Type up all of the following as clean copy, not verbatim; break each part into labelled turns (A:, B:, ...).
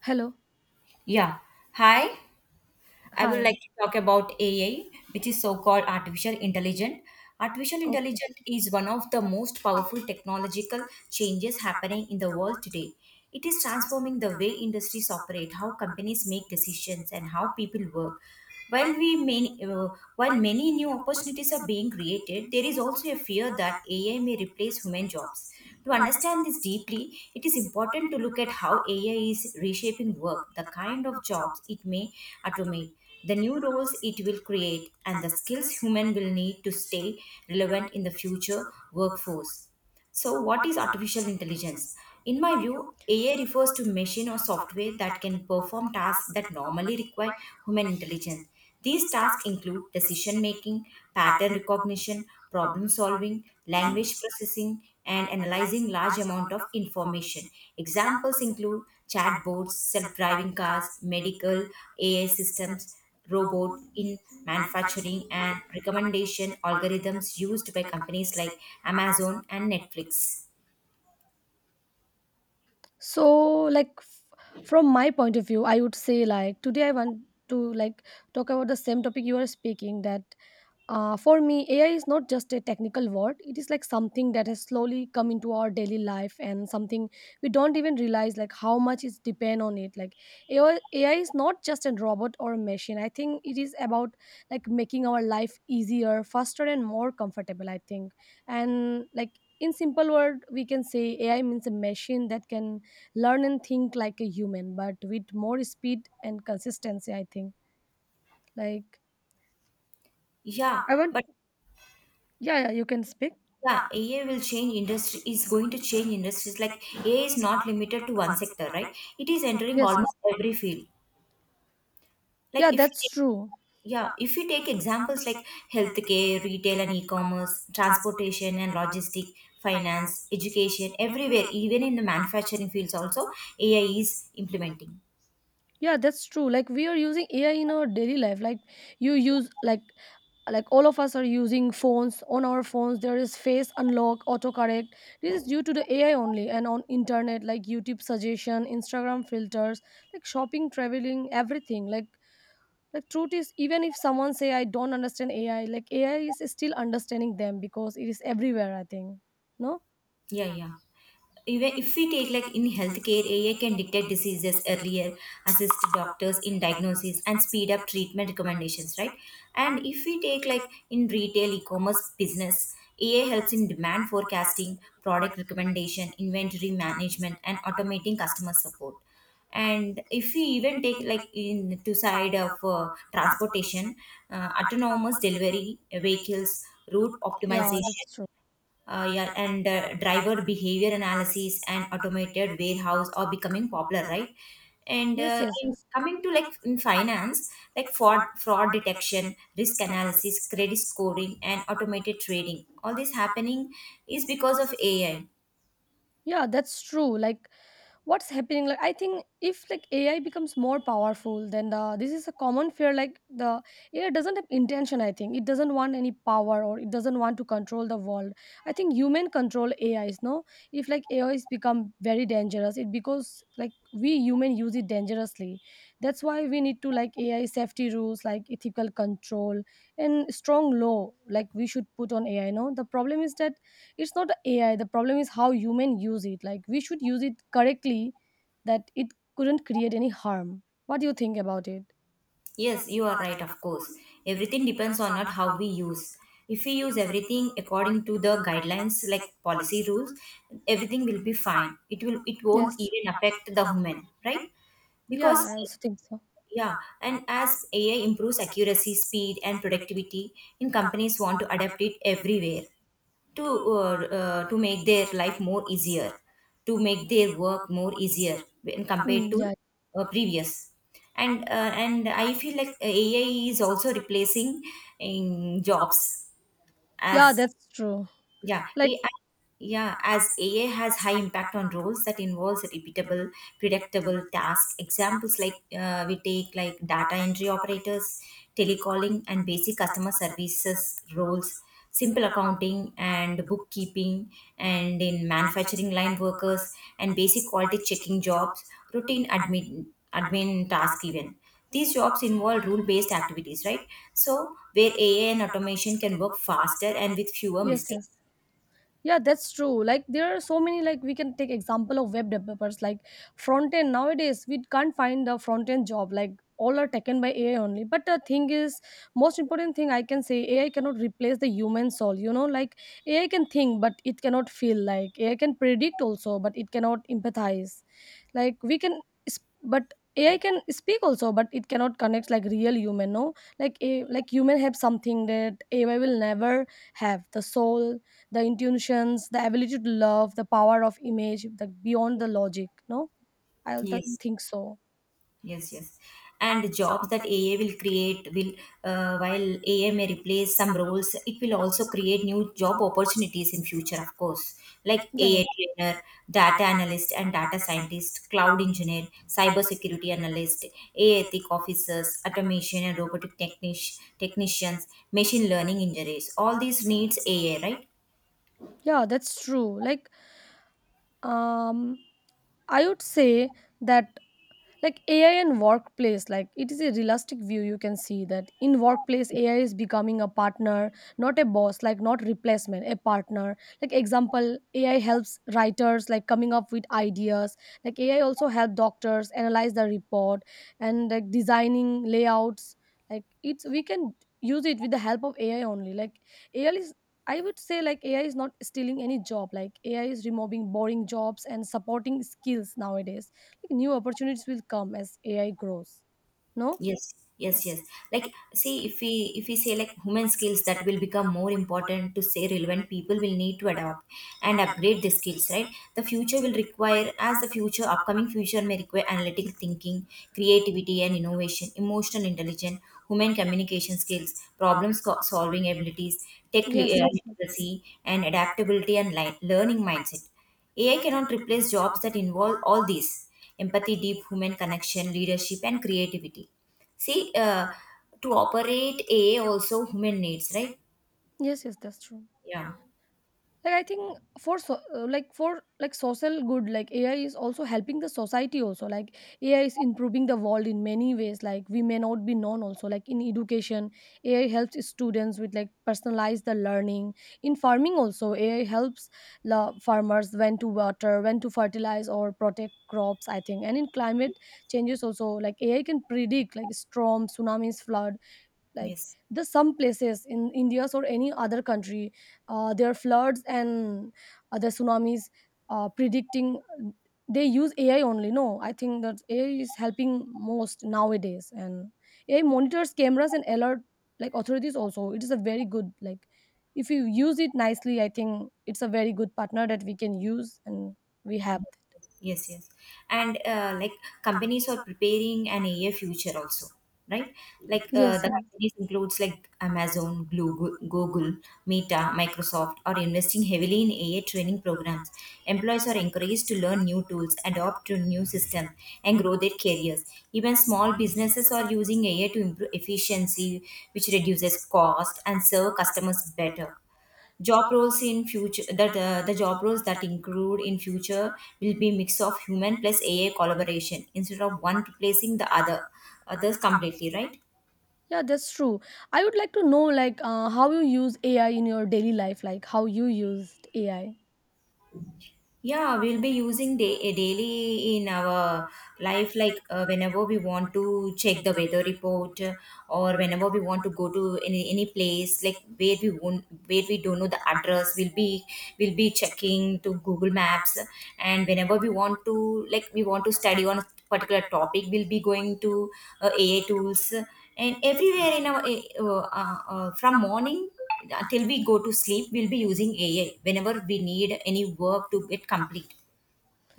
A: Hello.
B: Yeah. Hi. I would
A: Hi.
B: like to talk about AI, which is so called artificial intelligence. Artificial
A: Okay.
B: intelligence is one of the most powerful technological changes happening in the world today. It is transforming the way industries operate, how companies make decisions, and how people work. While we many, uh, while many new opportunities are being created, there is also a fear that AI may replace human jobs. To understand this deeply, it is important to look at how AI is reshaping work, the kind of jobs it may automate, the new roles it will create, and the skills human will need to stay relevant in the future workforce. So, what is artificial intelligence? In my view, AI refers to machine or software that can perform tasks that normally require human intelligence. These tasks include decision making, pattern recognition, problem solving, language processing, and analyzing large amount of information. Examples include chatbots, self-driving cars, medical AI systems, robot in manufacturing, and recommendation algorithms used by companies like Amazon and Netflix.
A: So, like, from my point of view, I would say, like, today I want to, like, talk about the same topic you are speaking that. For me, AI is not just a technical word. It is like something that has slowly come into our daily life and something we don't even realize like how much is depend on it. Like AI is not just a robot or a machine. I think it is about like making our life easier, faster, and more comfortable. I think, and like in simple word, we can say AI means a machine that can learn and think like a human, but with more speed and consistency. I think. Like
B: Yeah,
A: I want.
B: but,
A: Yeah, yeah, you can speak.
B: yeah, AI will change industry is going to change industries. Like, AI is not limited to one sector, right? It is entering
A: Yes, yes.
B: almost every field.
A: Yeah,
B: Like, if
A: that's true.
B: yeah, if you take examples like healthcare, retail and e-commerce, transportation and logistic, finance, education, everywhere, even in the manufacturing fields also, AI is implementing.
A: Yeah, that's true. Like we are using AI in our daily life. Like you use like all of us are using phones. On our phones, there is face unlock, autocorrect. This is due to the AI only, and on internet like YouTube suggestion, Instagram filters, like shopping, traveling, everything. Like truth is, even if someone say I don't understand AI, like AI is still understanding them because it is everywhere. I think. No.
B: Yeah, yeah. Even if we take like in healthcare, AI can detect diseases earlier, assist doctors in diagnosis, and speed up treatment recommendations, right? And if we take like in retail e-commerce business, AI helps in demand forecasting, product recommendation, inventory management, and automating customer support. And if we even take like in to side of transportation, autonomous delivery vehicles, route
A: Yeah, that's
B: optimization,
A: true.
B: yeah, and driver behavior analysis and automated warehouse are becoming popular, right? And
A: Yes,
B: uh,
A: yes,
B: in
A: yes.
B: coming to like in finance, like fraud detection, risk analysis, credit scoring, and automated trading, all this happening is because of AI.
A: Yeah, that's true. Like what's happening, like I think if, like, AI becomes more powerful, then the this is a common fear, like the AI doesn't have intention. I think it doesn't want any power, or it doesn't want to control the world. I think human control AIs. No, if like AIs become very dangerous, it because like we human use it dangerously. That's why we need to, like, AI safety rules, like ethical control and strong law like we should put on AI. No, the problem is that it's not AI. The problem is how human use it. Like we should use it correctly, that it couldn't create any harm. What do you think about it?
B: Yes, you are right, of course. Everything depends on not how we use. If we use everything according to the guidelines, like policy rules, everything will be fine. It won't
A: Yes.
B: even affect the human, right?
A: Yeah,
B: Because,
A: I also think so.
B: yeah, and as AI improves accuracy, speed, and productivity, in companies want to adapt it everywhere to make their life more easier, to make their work more easier when compared
A: Mm,
B: to
A: yeah.
B: previous. And I feel like AI is also replacing in jobs
A: Yeah,
B: as,
A: that's true.
B: yeah,
A: Like,
B: as AI has high impact on roles that involves repeatable, predictable tasks. Examples like we take like data entry operators, telecalling, and basic customer services roles, simple accounting and bookkeeping, and in manufacturing line workers and basic quality checking jobs, routine admin task even. These jobs involve rule-based activities, right? So where AI and automation can work faster and with fewer
A: yes,
B: mistakes.
A: yes. Yeah, that's true. Like there are so many, like we can take example of web developers, like front end nowadays we can't find the front end job, like all are taken by AI only. But the thing is, most important thing I can say, AI cannot replace the human soul, like AI can think but it cannot feel, like AI can predict also but it cannot empathize. Like we can but AI can speak also, but it cannot connect like real human, no? Like a, like human have something that AI will never have. The soul, the intuitions, the ability to love, the power of image, the beyond the logic. No, I
B: Yes,
A: think so.
B: yes, yes. And jobs that AI will create will, while AI may replace some roles, it will also create new job opportunities in future, of course, like
A: Yeah,
B: AI trainer, data analyst and data scientist, cloud engineer, cybersecurity analyst, AI ethic officers, automation and robotic technicians, machine learning engineers. All these needs AI, right?
A: yeah, that's true. Like, um, I would say that, like, AI and workplace, like, it is a realistic view. You can see that in workplace AI is becoming a partner, not a boss. Like, not replacement, a partner. Like, example, AI helps writers, like coming up with ideas, like AI also help doctors analyze the report, and like designing layouts. Like it's, we can use it with the help of AI only. Like AI is, I would say like AI is not stealing any job. Like AI is removing boring jobs and supporting skills. Nowadays new opportunities will come as AI grows. No?
B: Yes, yes, yes. Like, see, if we say like human skills that will become more important to say relevant, people will need to adapt and upgrade the skills, right? The future upcoming future may require analytical thinking, creativity and innovation, emotional intelligence, human communication skills, problem solving abilities, tech
A: Yes, yes. Yes,
B: literacy, and adaptability and learning mindset. AI cannot replace jobs that involve all these empathy, deep human connection, leadership, and creativity. See, to operate AI also human needs, right?
A: yes, yes, that's true.
B: Yeah.
A: Like I think for so, like for like social good, like AI is also helping the society also, like AI is improving the world in many ways, like we may not be known also. Like in education AI helps students with like personalized the learning. In farming also AI helps the farmers when to water, when to fertilize or protect crops, I think. And in climate changes also, like AI can predict like storm, tsunamis, flood. Like
B: Yes.
A: the some places in India or any other country, there are floods and other tsunamis, predicting they use AI only. No, I think that AI is helping most nowadays, and AI monitors cameras and alert, like, authorities also. It is a very good, like, if you use it nicely, I think, it's a very good partner that we can use. And we have.
B: Yes, yes, and like companies are preparing an AI future also, right? Like
A: Yes,
B: the
A: yes.
B: companies includes like Amazon, Google, Meta, Microsoft are investing heavily in AI training programs. Employees are encouraged to learn new tools, adopt to new system, and grow their careers. Even small businesses are using AI to improve efficiency, which reduces cost and serve customers better. Job roles in future that the job roles that include in future will be mix of human plus AI collaboration instead of one replacing the others completely, right?
A: Yeah, that's true. I would like to know, like, how you use AI in your daily life, like how you used AI.
B: Yeah, we'll be using day daily in our life, like whenever we want to check the weather report, or whenever we want to go to any place, like where we don't know the address, we'll be checking to Google Maps, and whenever we want to, like we want to study on a particular topic, we'll be going to AA tools, and everywhere in our from morning till we go to sleep, we'll be using AI whenever we need any work to get complete,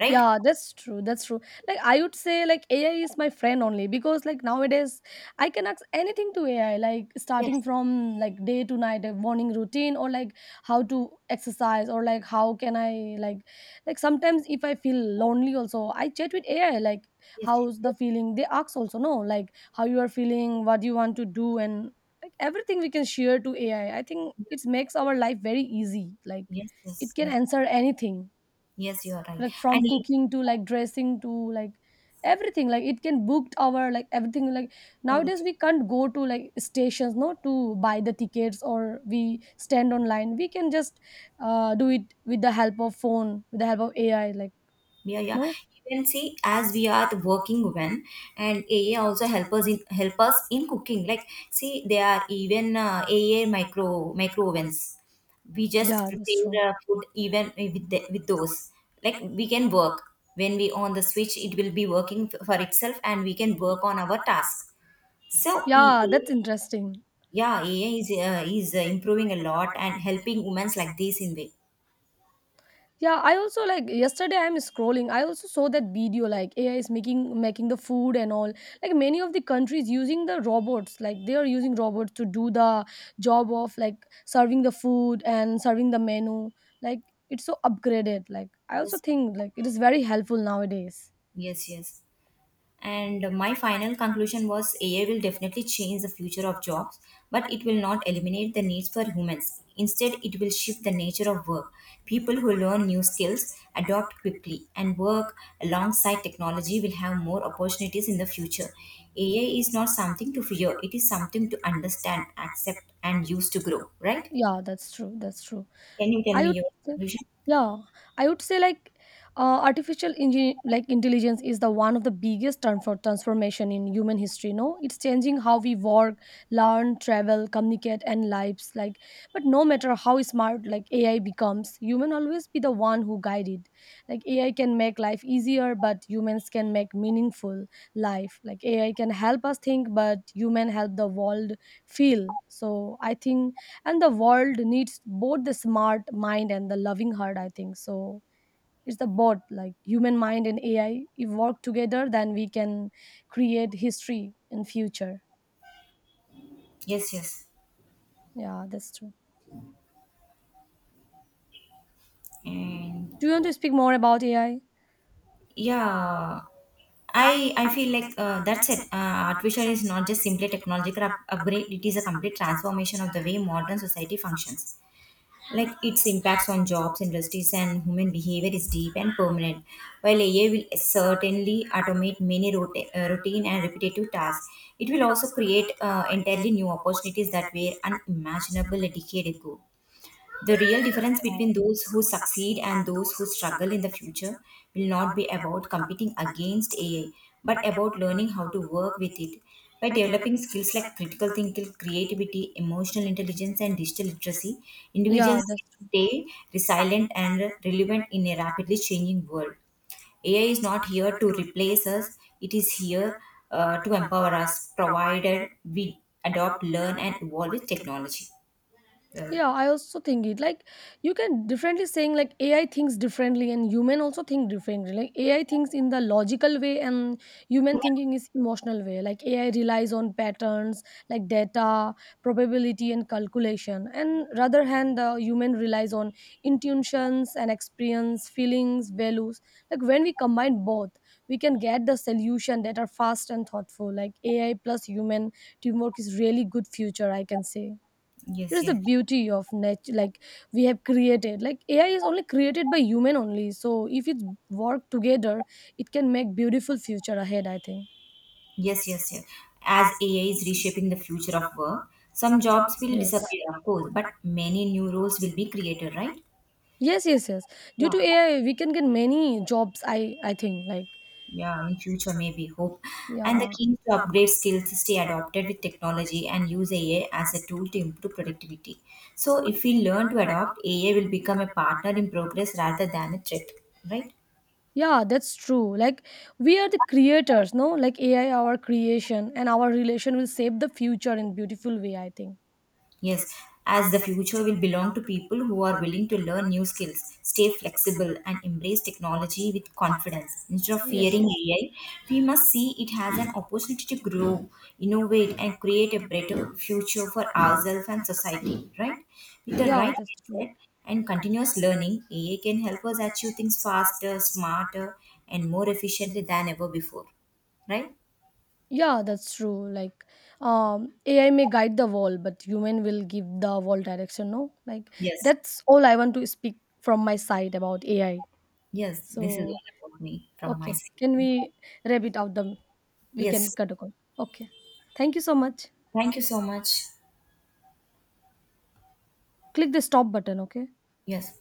B: right?
A: Yeah, that's true. That's true. Like I would say like AI is my friend only because like nowadays I can ask anything to AI, like starting
B: Yes,
A: from like day to night, a morning routine, or like how to exercise, or like how can I, like, sometimes if I feel lonely also I chat with AI, like
B: yes,
A: how's the feeling they ask also. No, like how you are feeling, what you want to do, and like everything we can share to AI. I think it makes our life very easy. Like
B: yes,
A: it
B: yes,
A: can
B: yes,
A: answer anything,
B: yes, you are right.
A: like from
B: And even
A: cooking to like dressing to like everything. Like it can booked our, like, everything. Like nowadays
B: everything.
A: we can't go to like stations, no, to buy the tickets or we stand online. We can just do it with the help of phone, with the help of AI, like,
B: Yeah, yeah.
A: no.
B: Even, see, as we are the working women, and AA also help us in cooking. Like, see, there are even AA micro ovens. We just
A: Yeah, that's true.
B: prepare food even with those, like we can work. When we on the switch it will be working for itself and we can work on our task. So
A: Yeah,
B: ea
A: that's interesting.
B: yeah, AI is improving a lot and helping women like this in way.
A: Yeah, I also, like, yesterday I'm scrolling. I also saw that video, like AI is making the food and all. Like many of the countries using the robots, like they are using robots to do the job of like serving the food and serving the menu. Like it's so upgraded. Like I also
B: Yes,
A: think like it is very helpful nowadays.
B: yes, yes. And my final conclusion was AI will definitely change the future of jobs, but it will not eliminate the needs for humans. Instead, it will shift the nature of work. People who learn new skills, adopt quickly, and work alongside technology will have more opportunities in the future. AI is not something to fear, it is something to understand, accept, and use to grow, right?
A: Yeah, that's true. That's true.
B: Can you tell
A: I
B: me
A: would
B: your
A: say,
B: conclusion?
A: yeah, I would say like, artificial engine like intelligence is the one of the biggest turn for transformation in human history. No, it's changing how we work, learn, travel, communicate, and lives. Like, but no matter how smart like AI becomes, human always be the one who guide it. Like AI can make life easier, but humans can make meaningful life, like AI can help us think but human help the world feel, so I think. And the world needs both the smart mind and the loving heart, I think. So it's the both, like human mind and AI, if work together, then we can create history in future.
B: Yes, yes.
A: Yeah, that's true.
B: And
A: Do you want to speak more about AI?
B: yeah, I feel like that's it. Artificial is not just simply technological upgrade. It is a complete transformation of the way modern society functions. Like, its impacts on jobs, industries, and human behavior is deep and permanent. While AI will certainly automate many routine and repetitive tasks, it will also create entirely new opportunities that were unimaginable a decade ago. The real difference between those who succeed and those who struggle in the future will not be about competing against AI, but about learning how to work with it by developing skills like critical thinking, creativity, emotional intelligence, and digital literacy.
A: Yeah,
B: Individuals
A: that's true.
B: stay resilient and relevant in a rapidly changing world. AI is not here to replace us, it is here to empower us, provided we adopt, learn, and evolve with technology. Well,
A: Yeah, I also think it, like, you can differently saying, like, AI thinks differently and human also think differently. Like AI thinks in the logical way, and human thinking is emotional way. Like AI relies on patterns, like data, probability, and calculation. And rather hand, the human relies on intuitions and experience, feelings, values. Like when we combine both, we can get the solution that are fast and thoughtful. Like AI plus human teamwork is really good future, I can say. It
B: yes,
A: is the
B: yes.
A: beauty of nature, like we have created. Like AI is only created by human only. So if it work together, it can make beautiful future ahead, I think.
B: Yes, yes, yes. As AI is reshaping the future of work, some jobs will
A: Yes.
B: disappear, of course, but many new roles will be created, right?
A: Yes. Yes. Yes. Due
B: Yeah,
A: to AI, we can get many jobs. I think, like,
B: yeah. In future, maybe hope, and the
A: yeah.
B: key is to upgrade skills, stay adopted with technology, and use AI as a tool to improve productivity. So, if we learn to adopt, AI will become a partner in progress rather than a threat, right?
A: Yeah, that's true. Like we are the creators, no? Like AI, our creation and our relation will shape the future in beautiful way. I think.
B: Yes, as the future will belong to people who are willing to learn new skills, stay flexible, and embrace technology with confidence. Instead of
A: Yes.
B: fearing
A: Yes.
B: AI, we must see it as an opportunity to grow, innovate, and create a better future for ourselves and society, right? With the
A: Yeah,
B: right
A: that's true.
B: mindset and continuous learning, AI can help us achieve things faster, smarter, and more efficiently than ever before, right?
A: Yeah, that's true. Like, AI may guide the wall, but human will give the wall direction. No, like
B: Yes,
A: that's all I want to speak from my side about AI.
B: yes, this is
A: So,
B: all about me from my
A: okay, can
B: side.
A: we wrap it out? The We can
B: Yes.
A: cut a call. Okay, thank you so much.
B: Thank you so much.
A: Click the stop button. Okay.
B: Yes.